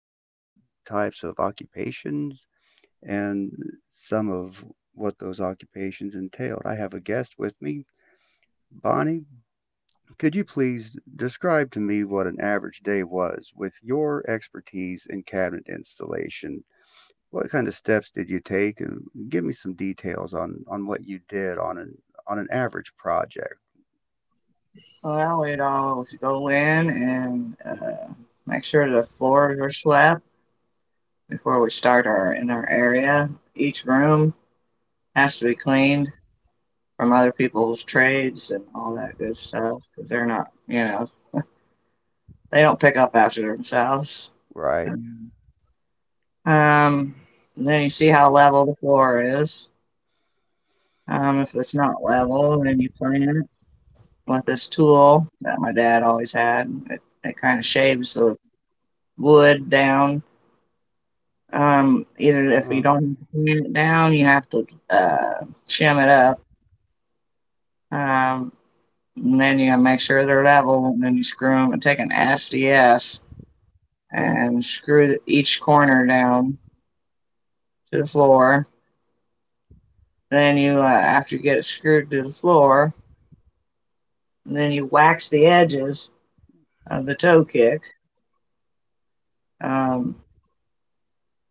types of occupations, and some of what those occupations entailed. I have a guest with me. Bonnie, could you please describe to me what an average day was with your expertise in cabinet installation? What kind of steps did you take? And give me some details on what you did on an average project, Well, we'd it all go in and make sure the floors are swept before we start our in our area. Each room has to be cleaned from other people's trades and all that good stuff because they're not, you know, they don't pick up after themselves. right? Um, um, and then you see how level the floor is. If it's not level, then you plane it with this tool that my dad always had. It kind of shaves the wood down. Either if you Oh, don't okay. have to pan it down, you have to shim it up. Um, and then you make sure they're level, and then you screw them and take an SDS and screw each corner down to the floor. Then you, after you get it screwed to the floor, then you wax the edges of the toe kick. Um,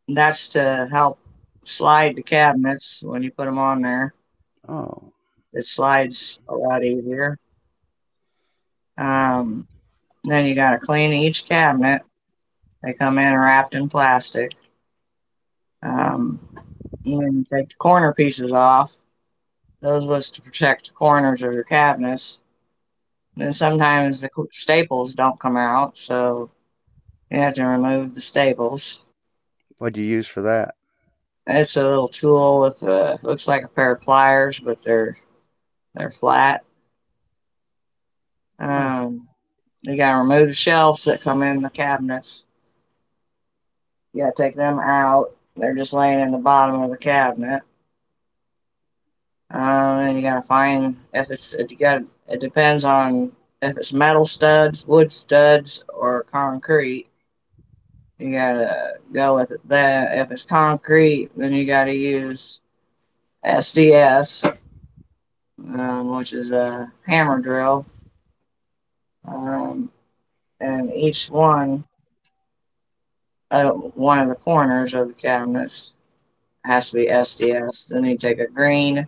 that's to help slide the cabinets when you put them on there. Oh, It slides a lot easier. Um, Then you gotta clean each cabinet. They come in wrapped in plastic. Um, and then you take the corner pieces off. Those was to protect the corners of your cabinets. And then sometimes the staples don't come out, so you have to remove the staples. what do you use for that? It's a little tool with a looks like a pair of pliers, but they're flat. Oh, Um, you gotta remove the shelves that come in the cabinets. You gotta take them out. They're just laying in the bottom of the cabinet. You gotta find if it's it, you got to it depends on if it's metal studs, wood studs, or concrete. You gotta go with it. That. If it's concrete, then you gotta use SDS, which is a hammer drill, um, and each one uh, one of the corners of the cabinets has to be SDS. Then you take a green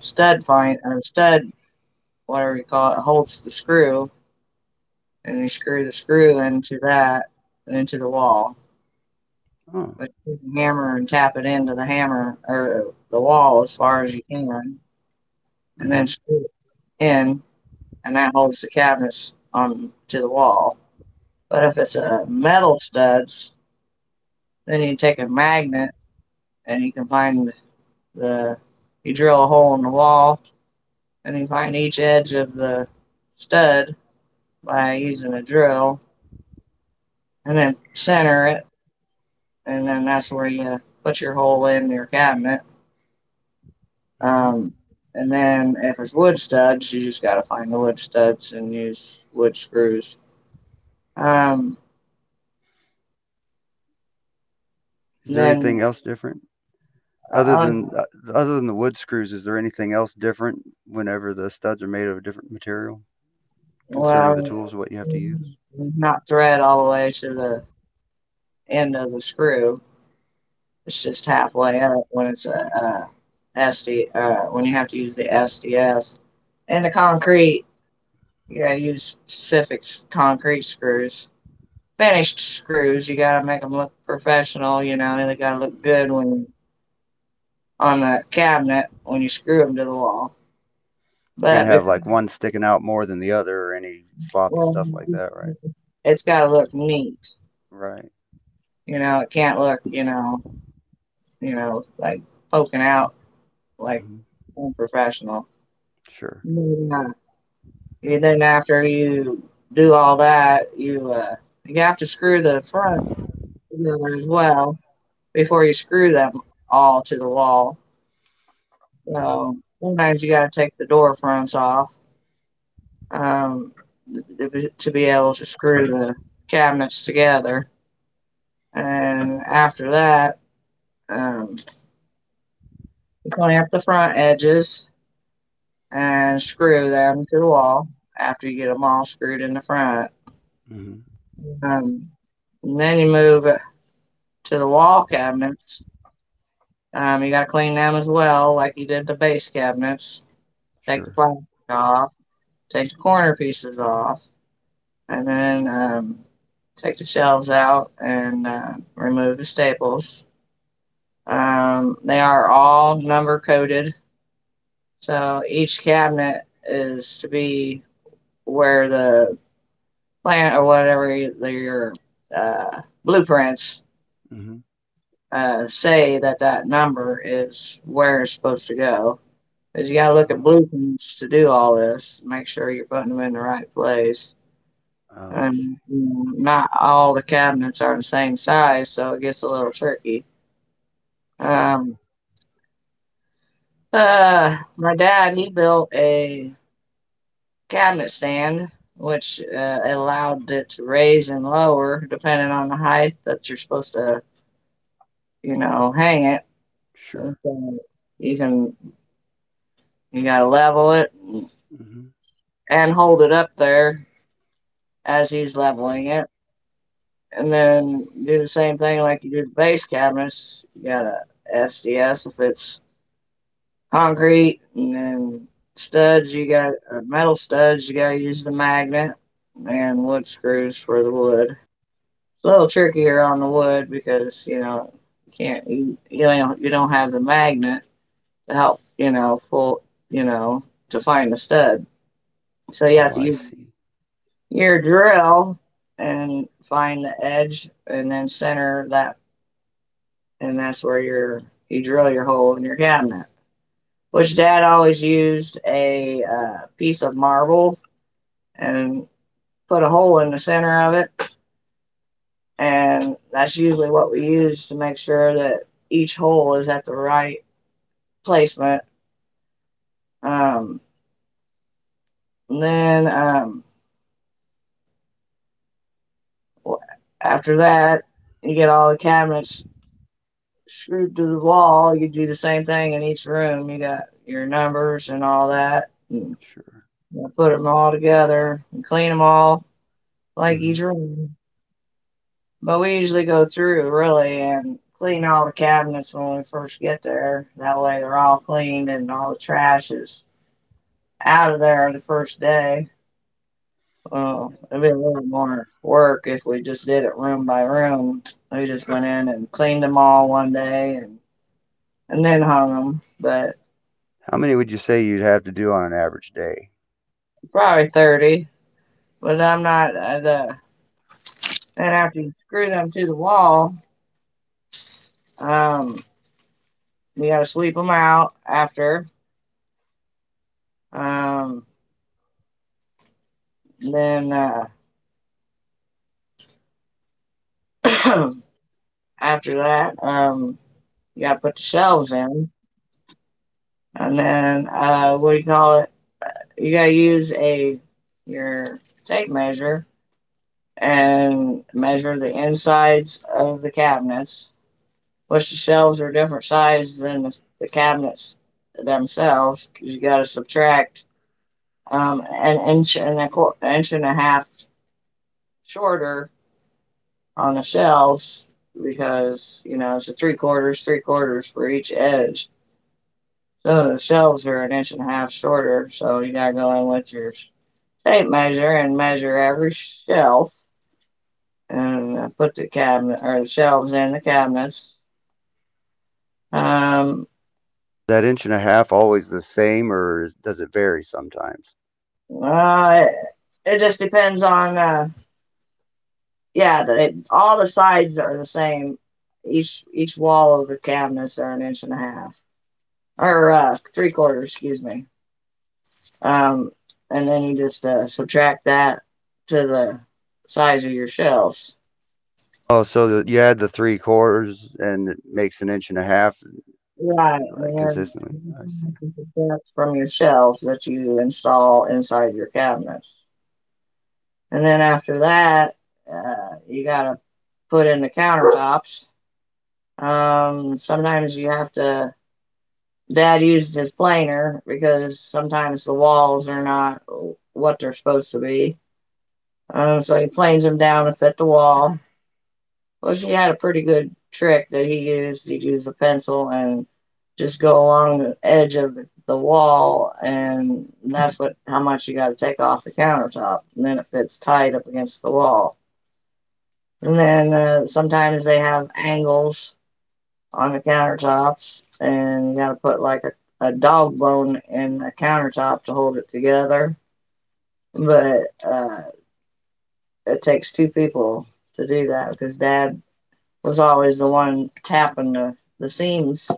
stud find or stud whatever you call it holds the screw and you screw the screw into that and into the wall. oh. But you can hammer and tap it into the hammer or the wall as far as you can, and then Hmm. screw it in, and that holds the cabinets on to the wall. But if it's a metal studs, then you take a magnet and you can find the you drill a hole in the wall and you find each edge of the stud by using a drill and then center it and then that's where you put your hole in your cabinet. Hmm. Um, and then if it's wood studs, you just gotta find the wood studs and use wood screws. Um, Is and there then anything else different other on, than uh, other than the wood screws? Is there anything else different whenever the studs are made of a different material concerning the well, tools? What you have to use? not thread all the way to the end of the screw. It's just halfway up when when you have to use the SDS. And the concrete, you gotta use specific concrete screws. Finished screws, you gotta make them look professional, you know, and they gotta look good when you on the cabinet when you screw them to the wall. Can't But have because, like one sticking out more than the other or any sloppy well, stuff like that, right? it's got to look neat. Right. You know, it can't look, you know, like poking out like Hmm. unprofessional. Sure. Maybe. And then after you do all that, you you have to screw the front together as well before you screw them all to the wall. Hmm. So sometimes you got to take the door fronts off, um, to be able to screw the cabinets together. And after that, um, you clamp the front edges and screw them to the wall after you get them all screwed in the front. Hmm. Um, and then you move to the wall cabinets. You got to clean them as well, like you did the base cabinets. Take the Sure. plastic off, take the corner pieces off, and then take the shelves out and remove the staples. They are all number coded, so each cabinet is to be where the plant or whatever your blueprints Hmm. Say that that number is where it's supposed to go. Because you got to look at Oh, blueprints to do all this, make sure you're putting them in the right place. oh, I see. And you know, not all the cabinets are the same size, so it gets a little tricky. Sure. Um, my dad, he built a cabinet stand, which allowed it to raise and lower depending on the height that you're supposed to, you know, hang it. So Sure. you can, you gotta level it Hmm. and hold it up there as he's leveling it, and then do the same thing like you did the base cabinets. You got a SDS if it's concrete, and then studs. You got metal studs. You gotta use the magnet and wood screws for the wood. A little trickier on the wood because you know you can't you you know you don't have the magnet to help you know pull you know to find the stud. So you have Oh, to I use see. your drill and find the edge and then center that and that's where your you drill your hole in your cabinet. Which Dad always used a piece of marble and put a hole in the center of it, and that's usually what we use to make sure that each hole is at the right placement. Um, and then After that, you get all the cabinets screwed to the wall. You do the same thing in each room. You got your numbers and all that. And Sure. you put them all together and clean them all like Hmm. each room. But we usually go through really and clean all the cabinets when we first get there. That way they're all cleaned and all the trash is out of there the first day. It'd be a little more work if we just did it room by room. We just went in and cleaned them all one day and then hung them, but How many would you say you'd have to do on an average day? probably 30. But I'm not the and after you screw them to the wall, um, you gotta sweep them out after. Um, then after that, you gotta put the shelves in, and then what do you call it? You gotta use a your tape measure and measure the insides of the cabinets, which the shelves are different size than the cabinets themselves. 'Cause you got to subtract an inch and a quarter, an inch and a half shorter on the shelves because you know it's a three quarters for each edge. So the shelves are an inch and a half shorter. So you got to go in with your tape measure and measure every shelf and put the cabinet or the shelves in the cabinets. Um, That inch and a half always the same, or does it vary sometimes? It it just depends on, yeah, the, all the sides are the same. Each wall of the cabinets are an inch and a half, or three quarters, excuse me. Um, and then you just subtract that to the size of your shelves. Oh, so you add the three quarters and it makes an inch and a half, Right, like, and then consistently. I see. you from your shelves that you install inside your cabinets. And then after that, you gotta put in the countertops. Sometimes you have to. Dad used his planer because sometimes the walls are not what they're supposed to be. So he planes them down to fit the wall. Well, she had a pretty good trick that he used. He'd use a pencil and just go along the edge of the wall, and that's what how much you got to take off the countertop, and then it fits tight up against the wall. And then sometimes they have angles on the countertops, and you gotta put like a dog bone in the countertop to hold it together. But uh, it takes two people to do that because Dad was always the one tapping the seams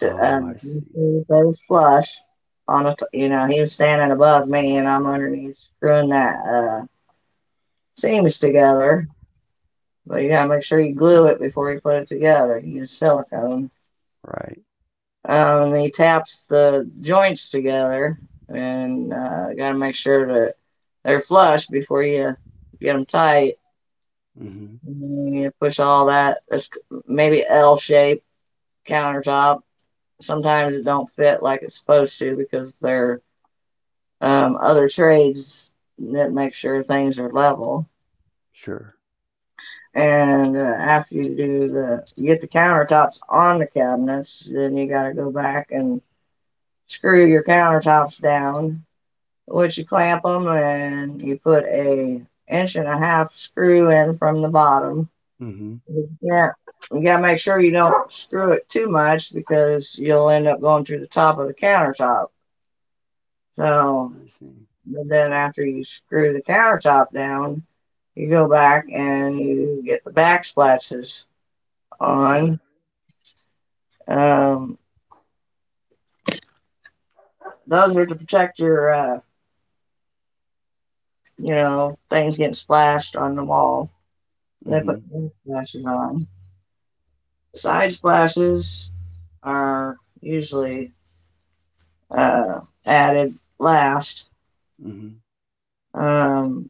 to Oh, I make see. sure it was flush. On a, you know, he was standing above me, and I'm underneath screwing that seams together. But you gotta make sure you glue it before you put it together. You use silicone. Right. And he taps the joints together, and gotta make sure that they're flush before you get them tight. Mm-hmm. And you push all that. That's maybe L shaped countertop. Sometimes it don't fit like it's supposed to because there are other trades that make sure things are level. Sure. And after you do the, you get the countertops on the cabinets, then you gotta go back and screw your countertops down which you clamp them and you put a inch and a half screw in from the bottom. Mm-hmm. You can't, you gotta make sure you don't screw it too much because you'll end up going through the top of the countertop. So, I see. but then after you screw the countertop down, you go back and you get the backsplashes on. Sure. Um, those are to protect your, you know, things getting splashed on the wall. They put Mm-hmm. backsplashes on. Side splashes are usually uh, added last. Mm-hmm. Um,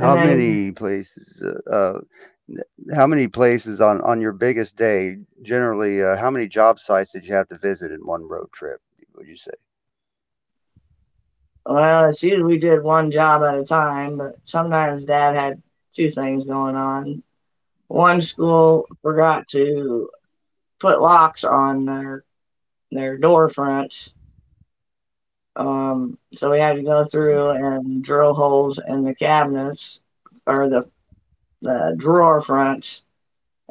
and then, many places? N- how many places on your biggest day? Generally, how many job sites did you have to visit in one road trip? Would you say? well, it's usually we did one job at a time, but sometimes Dad had two things going on. One school forgot to put locks on their door fronts, so we had to go through and drill holes in the cabinets or the drawer fronts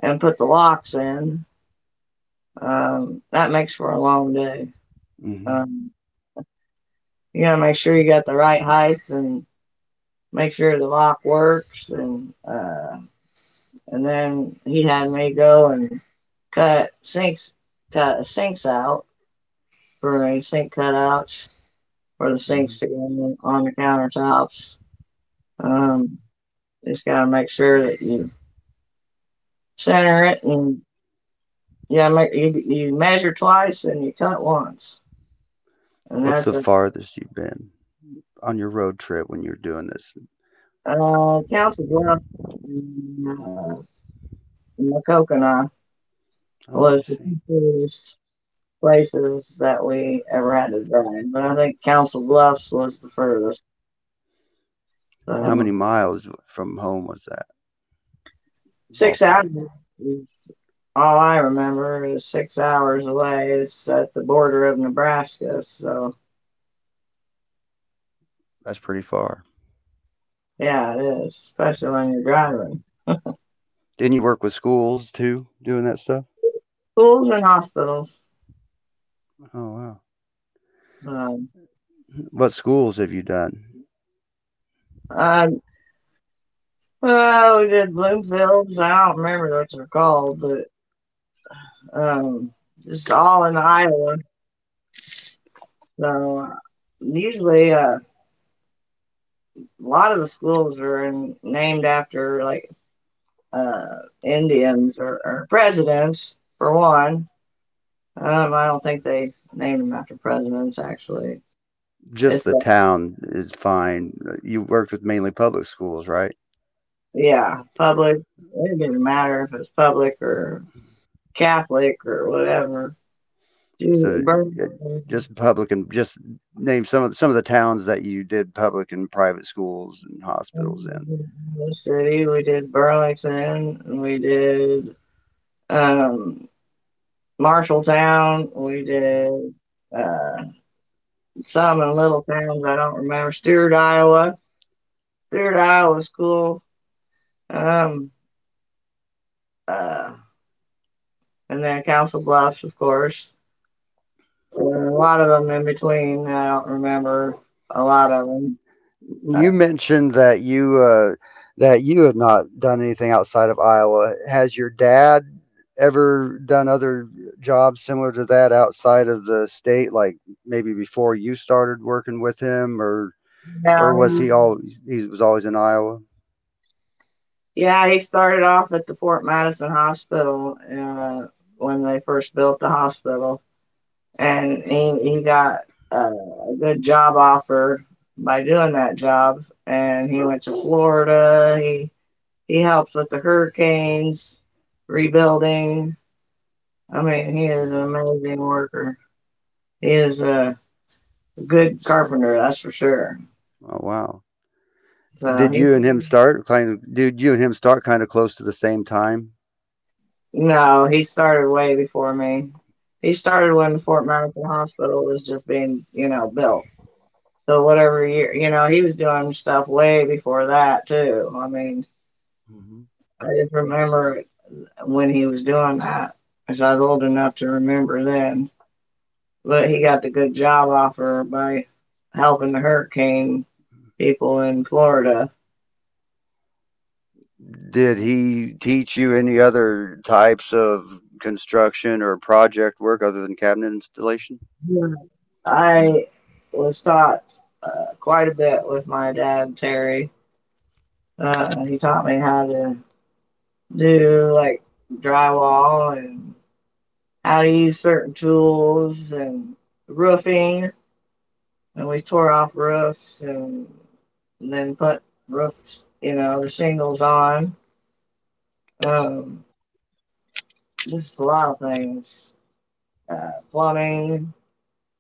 and put the locks in. That makes for a long day. Mm-hmm. Um, you gotta make sure you got the right height and make sure the lock works. And then he had me go and cut sinks, cut sinks out for a sink cutouts for the sinks Mhm. to go on the countertops. Right. Um, just gotta make sure that you center it and yeah, you measure twice and you cut once, and What's that's the a farthest you've been on your road trip when you are doing this? Counts as well. Uh, in the Coconut Oh, I was the see. cheapest places that we ever had to drive. But I think Council Bluffs was the furthest. How So many miles from home was that, six ballpark? hours is all I remember, is 6 hours away. It's at the border of Nebraska, so That's pretty far. yeah, it is, especially when you're driving. Didn't you work with schools too, doing that stuff? Schools and hospitals. Oh, wow. so, Um, What schools have you done? Uh. Well, we did Bloomfields. I don't remember what they're called, but um, it's all in Iowa. So usually a lot of the schools are named after like uh, Indians, or presidents, for one. I don't think they named them after presidents, actually. Just It's, the uh, town is fine. You worked with mainly public schools, right? yeah, public. It didn't matter if it's public or Catholic or whatever. So Do uh, Burlington, just public, and just name some of the towns that you did public and private schools and hospitals in. the city, we did Burlington, we did um, Marshalltown, we Mhm. did uh, some in little towns I don't remember. Stewart, Iowa. Stewart, Iowa was cool. Um, uh, and then Council Bluffs, of course. And a lot of them in between. I don't remember a lot of them. Uh, You mentioned that you had not done anything outside of Iowa. Has your dad ever done other jobs similar to that outside of the state? Like maybe before you started working with him, or yeah, was he was always in Iowa? yeah, he started off at the Fort Madison Hospital when they first built the hospital, and he got uh, a good job offer by doing that job, and he went to Florida. He helps with the hurricanes, rebuilding. I mean, he is an Hmm. amazing worker. He is a good carpenter, that's for sure. Oh, wow! So he, Did you and him start kind of close to the same time? no, he started way before me. He started when the Fort Madison Hospital was just being built. So whatever year he was doing stuff way before that too. I mean, I just remember when he was doing that, 'cause I was old enough to remember then. But he got the good job offer by helping the hurricane people in Florida. Did he teach you any other types of construction or project work other than cabinet installation? Yeah. I was taught uh, quite a bit with my dad, Terry. He taught me how to do like drywall and how to use certain tools and roofing. And we tore off roofs and then put roofs the shingles on. Um, just a lot of things. Plumbing,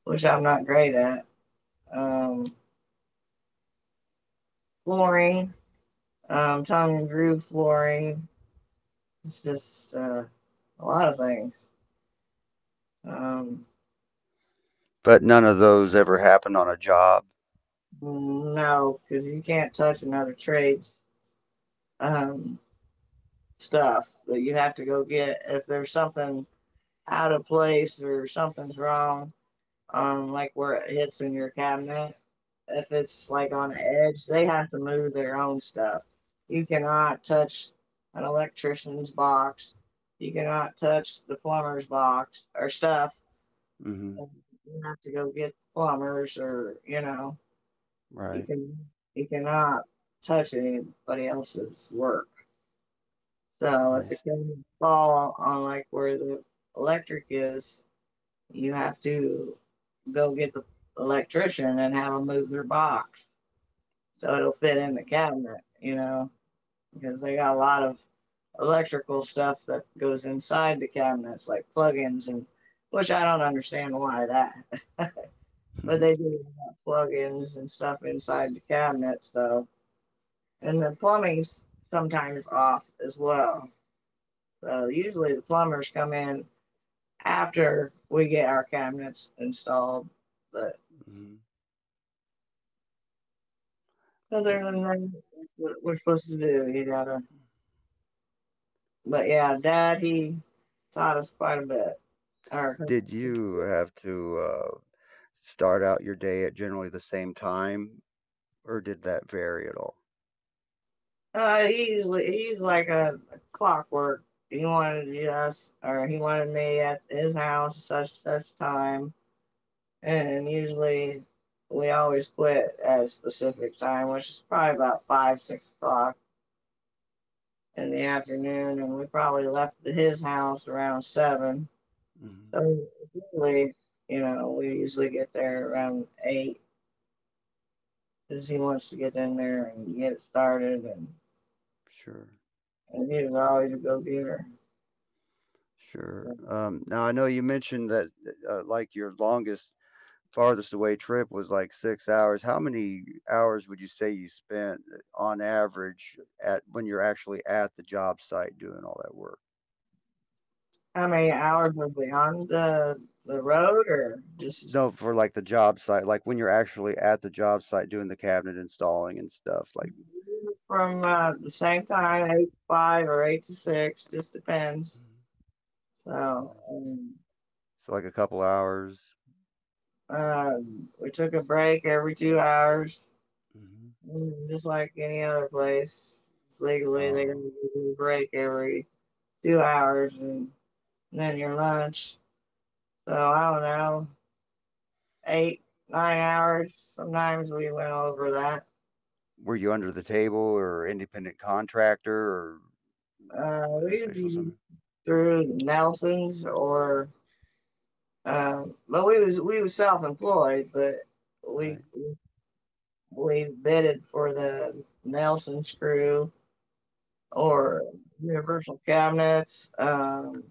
which I'm not great at. Um, Flooring, tongue and groove flooring. It's just a lot of things. Um, But none of those ever happened on a job. no, because you can't touch another trade's um, stuff that you have to go get if there's something out of place or something's wrong, like where it hits in your cabinet. If it's like on the edge, they have to move their own stuff. You cannot touch an electrician's box. You cannot touch the plumber's box or stuff. Mhm. And you have to go get the plumbers or, you Right. can you cannot touch anybody else's work. So I if it see. can fall on like where the electric is, you have to go get the electrician and have them move their box so it'll fit in the cabinet because they got a lot of electrical stuff that goes inside the cabinets, like plugins and which I don't understand why that, but they do have plugins and stuff inside the cabinets, so and the plumbing's sometimes off as well. So usually the plumbers come in after we get our cabinets installed, but Mhm. other than that, that's what we're supposed to do. You gotta But yeah, Dad, he taught us quite a bit. Or Did you have to start out your day at generally the same time, or did that vary at all? He usually He's like a clockwork. He wanted us, or he wanted me at his house at such such time, and usually we always quit at a specific time, which is probably about 5 6 o'clock in the afternoon, and we probably left his house around seven. Mhm. So usually we usually get there around eight because he wants to get in there and get it started and Sure. And you can always go getter. Sure. Now I know you mentioned that, like your longest farthest away trip was like 6 hours. How many hours would you say you spent on average at when you're actually at the job site doing all that work? How many hours was we on the road, or just No, for like the job site, like when you're actually at the job site doing the cabinet installing and stuff, like... from the same time, eight to five or eight to six, just depends. So Oh, um, so like a couple hours. um, we took a break every 2 hours, Mhm. Just like any other place. It's legally, they're Uh, gonna give you a break every 2 hours, and then your lunch. So I don't know, eight, 9 hours. Sometimes we went over that. were you under the table or independent contractor, or was it We official was somewhere? through Nelson's or, but we was self-employed, but we Right. we bidded for the Nelson Screw Uh, or Universal Cabinets.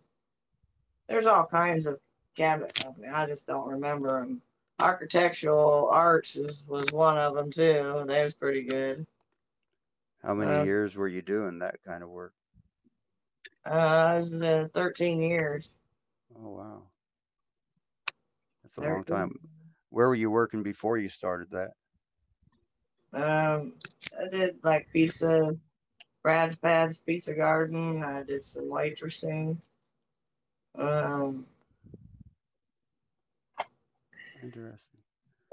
There's all kinds of cabinet company. I just don't remember them. Architectural Arts was one of them too. They was pretty good. how many Um, years were you doing that kind of work? I was there 13 years. Oh, wow. That's a long 13. time. Where were you working before you started that? Um, I did like pizza Rad's Pads Pizza Garden. I did some waitressing. Um, Interesting.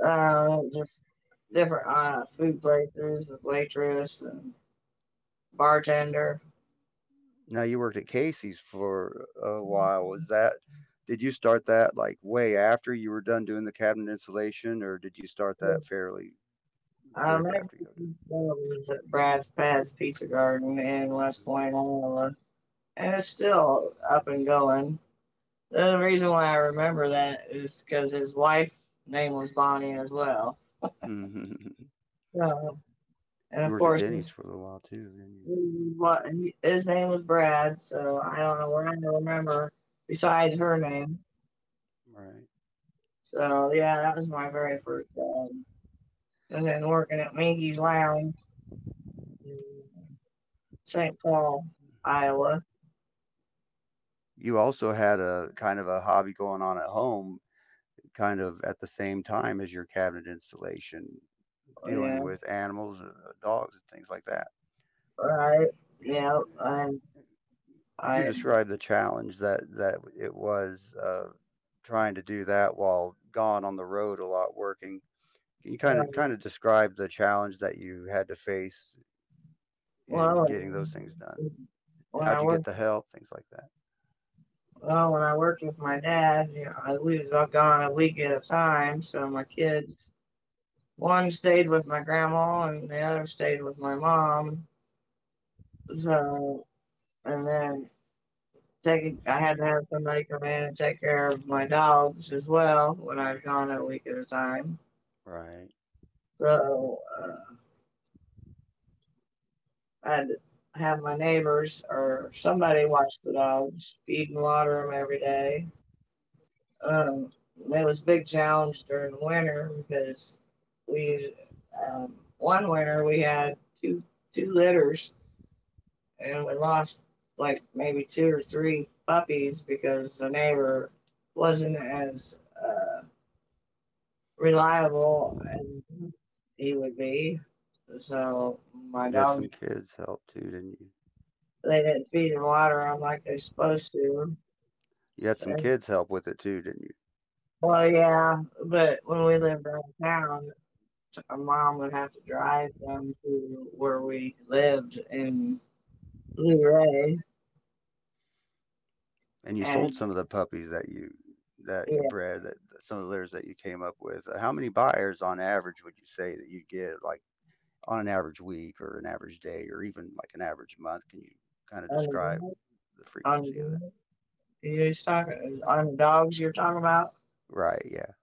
just different food breakthroughs with waitress and bartender. Now you worked at Casey's for a while. Was that Did you start that like way after you were done doing the cabinet installation, or did you start Um, that fairly I quick after you got was at Brad's Pad's Pizza Garden in West done? Point, Iowa, and it's still up and going. The reason why I remember that is because his wife's name was Bonnie as well. Mhm. So, and You of worked at course. Denny's for a little while too, didn't you? His name was Brad, so I don't know Mhm. what I can remember besides her name. Right. So yeah, that was my very first job. And then working at Minky's Lounge in St. Paul, Iowa. You also had a kind of a hobby going on at home, kind of at the same time as your cabinet installation, Yeah, dealing with animals, dogs, and things like that. right. Yeah, and Could you I describe the challenge that it was, trying to do that while gone on the road a lot working? Can you um, kind of describe the challenge that you had to face in well, getting those things and done? when How'd I you get worked the help? Things like that. well when I worked with my dad, we was all gone a week at a time, so my kids one stayed with my grandma and the other stayed with my mom. So, and then I had to have somebody come in and take care of my dogs as well when I was gone a week at a time. Right. So, I had to have my neighbors or somebody watch the dogs, feed and water them every day. Um, it was a big challenge during the winter because we, um, one winter we had two two litters and we lost like maybe two or three puppies because the neighbor wasn't as uh, reliable as he would be. So my You had dog, some kids help too, didn't you? they didn't feed and water him like they're supposed to. You had some So, kids help with it too, didn't you? well, yeah, but when we lived downtown, our mom would have to drive them to where we lived in Luray, And you and sold some of the puppies that you yeah, bred that some of the litters that you came up with. How many buyers on average would you say that you get, like, on an average week or an average day or even like an average month? Can you kind of describe underground, the frequency of that? underground. He's talking on dogs you're talking about. Right, yeah.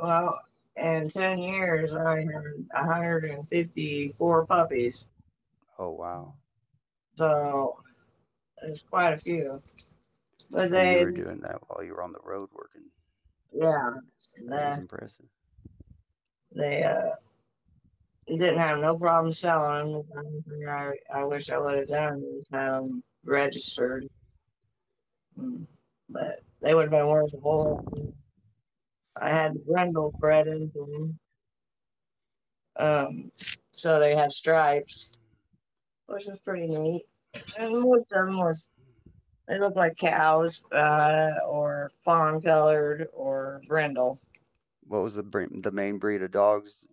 Well, in 10 years, I had 154 puppies, Oh, wow. so there's quite a few. But And you they, were doing that while you were on the road working. yeah, That they, is impressive. they didn't have no problem selling them. The only thing I wish I would have done was have them registered, Mm, but they would have been worth a whole lot more. I had brindle bred into them, um, so they had stripes which was pretty neat. And most of them was they looked like cows, or fawn colored, or brindle. What was the main breed of dogs?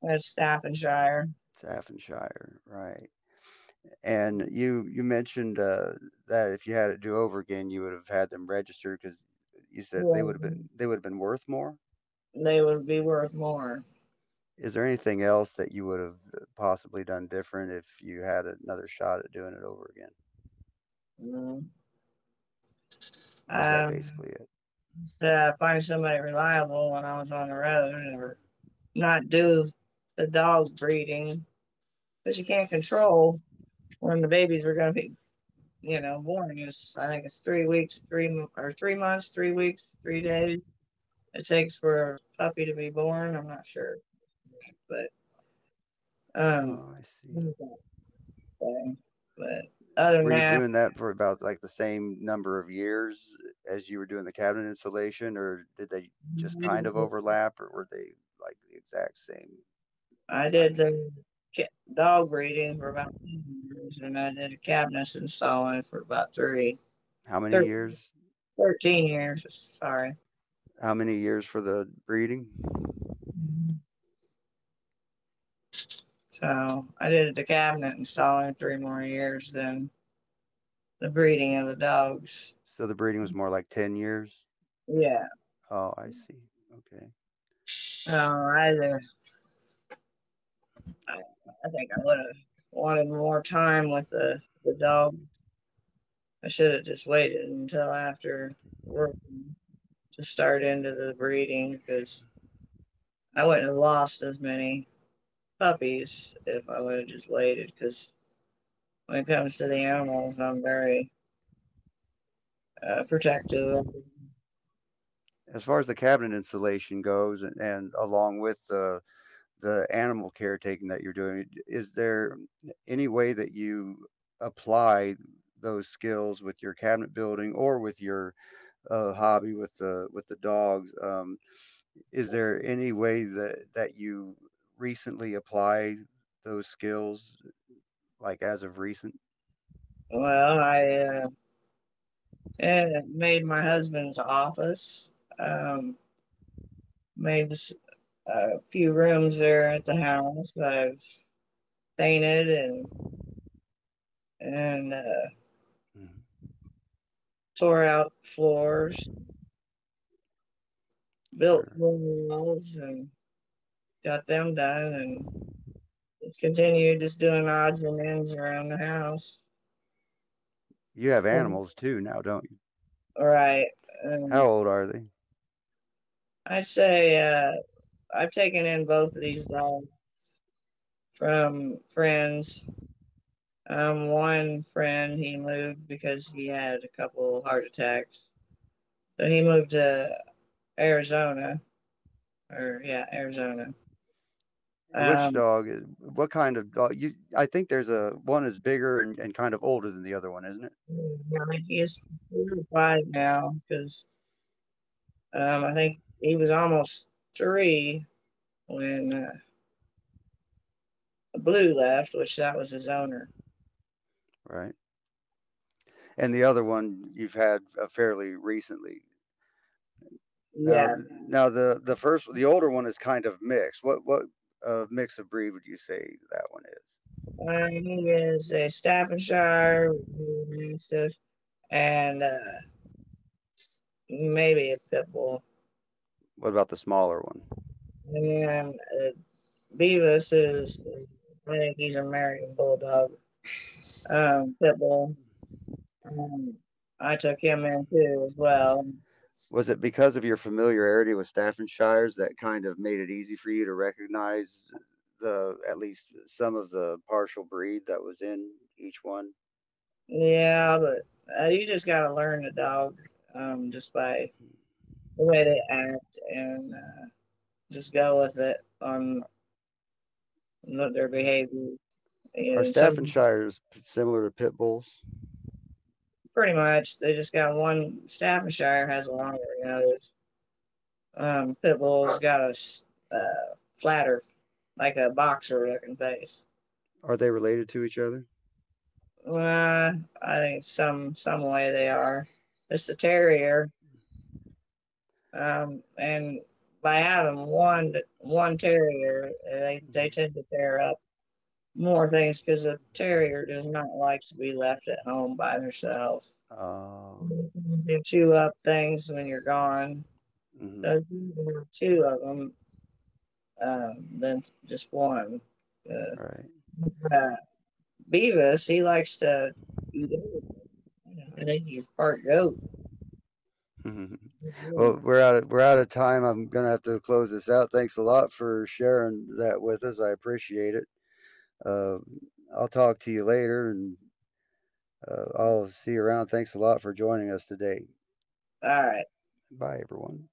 That's Staffordshire. Staffordshire, right. And you mentioned, that if you had it do over again, you would have had them registered, because you said Yeah, they would have been worth more. they would be worth more. Is there anything else that you would have possibly done different if you had another shot at doing it over again, You know? or is that Um, basically it? just find somebody reliable when I was on the road, or not do the dog breeding, but you can't control when the babies are going to be born. It's I think it's 3 weeks, 3 or 3 months, 3 weeks, 3 days. It takes for a puppy to be born. I'm not sure, but um, Oh, I see. but other than Were you that, doing that for about like the same number of years as you were doing the cabinet installation, or did they just I kind did of the, overlap, or were they like the exact same I time did span? the dog breeding for about 10 years, and I did a cabinet installing for about How many thir- years 13 years. Sorry. How many years for the breeding? Mhm. So I did the cabinet installing three more years than the breeding of the dogs. So the breeding was more like 10 years? Yeah. Oh, I see. Okay. So I, I think I would have wanted more time with the dog. I should have just waited until after work to start into the breeding because I wouldn't have lost as many puppies if I would have just waited. Because when it comes to the animals, I'm very protective. As far as the cabinet installation goes and along with the animal caretaking that you're doing, is there any way that you apply those skills with your cabinet building or with your, hobby with the dogs? Is there any way that you recently apply those skills, like, as of recent? Well, I uh, made my husband's office, um, made a few rooms there at the house. I've painted and and uh, Mhm. tore out floors, built Sure. floor walls, and got them done and just continued just doing odds and ends around the house. You have All animals too now, don't you? right. How Um, old are they? I'd say I've taken in both of these dogs from friends. One friend he moved because he had a couple heart attacks, so he moved to Arizona or yeah, Arizona. Which Um, dog is what kind of dog? You, I think there's a one is bigger and kind of older than the other one, isn't it? yeah, I think he's four or five now because I think he was almost three when Blue left, which that was his owner. Right. And the other one you've had, fairly recently. Now, Yes. the first, the older one is kind of mixed. What mix of breed would you say that one is? He is a Staffordshire Mastiff and maybe a pit bull. What about the smaller one? And Beavis is, I think he's an American Bulldog, pit bull. Um, I took him in too as well. Was it because of your familiarity with Staffordshires that kind of made it easy for you to recognize the at least some of the partial breed that was in each one? Yeah, but you just gotta learn the dog just by the way they act and just go with it on their Mhm. behavior. Are And some Staffordshires similar to pit bulls? pretty much they just got one. Staffordshire has a longer nose. Pitbull's got a flatter, like a boxer looking face. Are they related to each other? Uh, I think some way they are. It's a terrier, and by having one terrier, they Mhm. tend to tear up more things because a terrier does not like to be left at home by themselves. Oh, They chew up things when you're gone. So mhm. if you do two of them, then just one. All Uh, right. uh, Beavis, he likes to eat everything. I think he's part goat. All Well, we're we're out of time. I'm gonna have to close this out. Thanks a lot for sharing that with us. I appreciate it. Uh, I'll talk to you later, and I'll see you around. Thanks a lot for joining us today. right. Bye, everyone.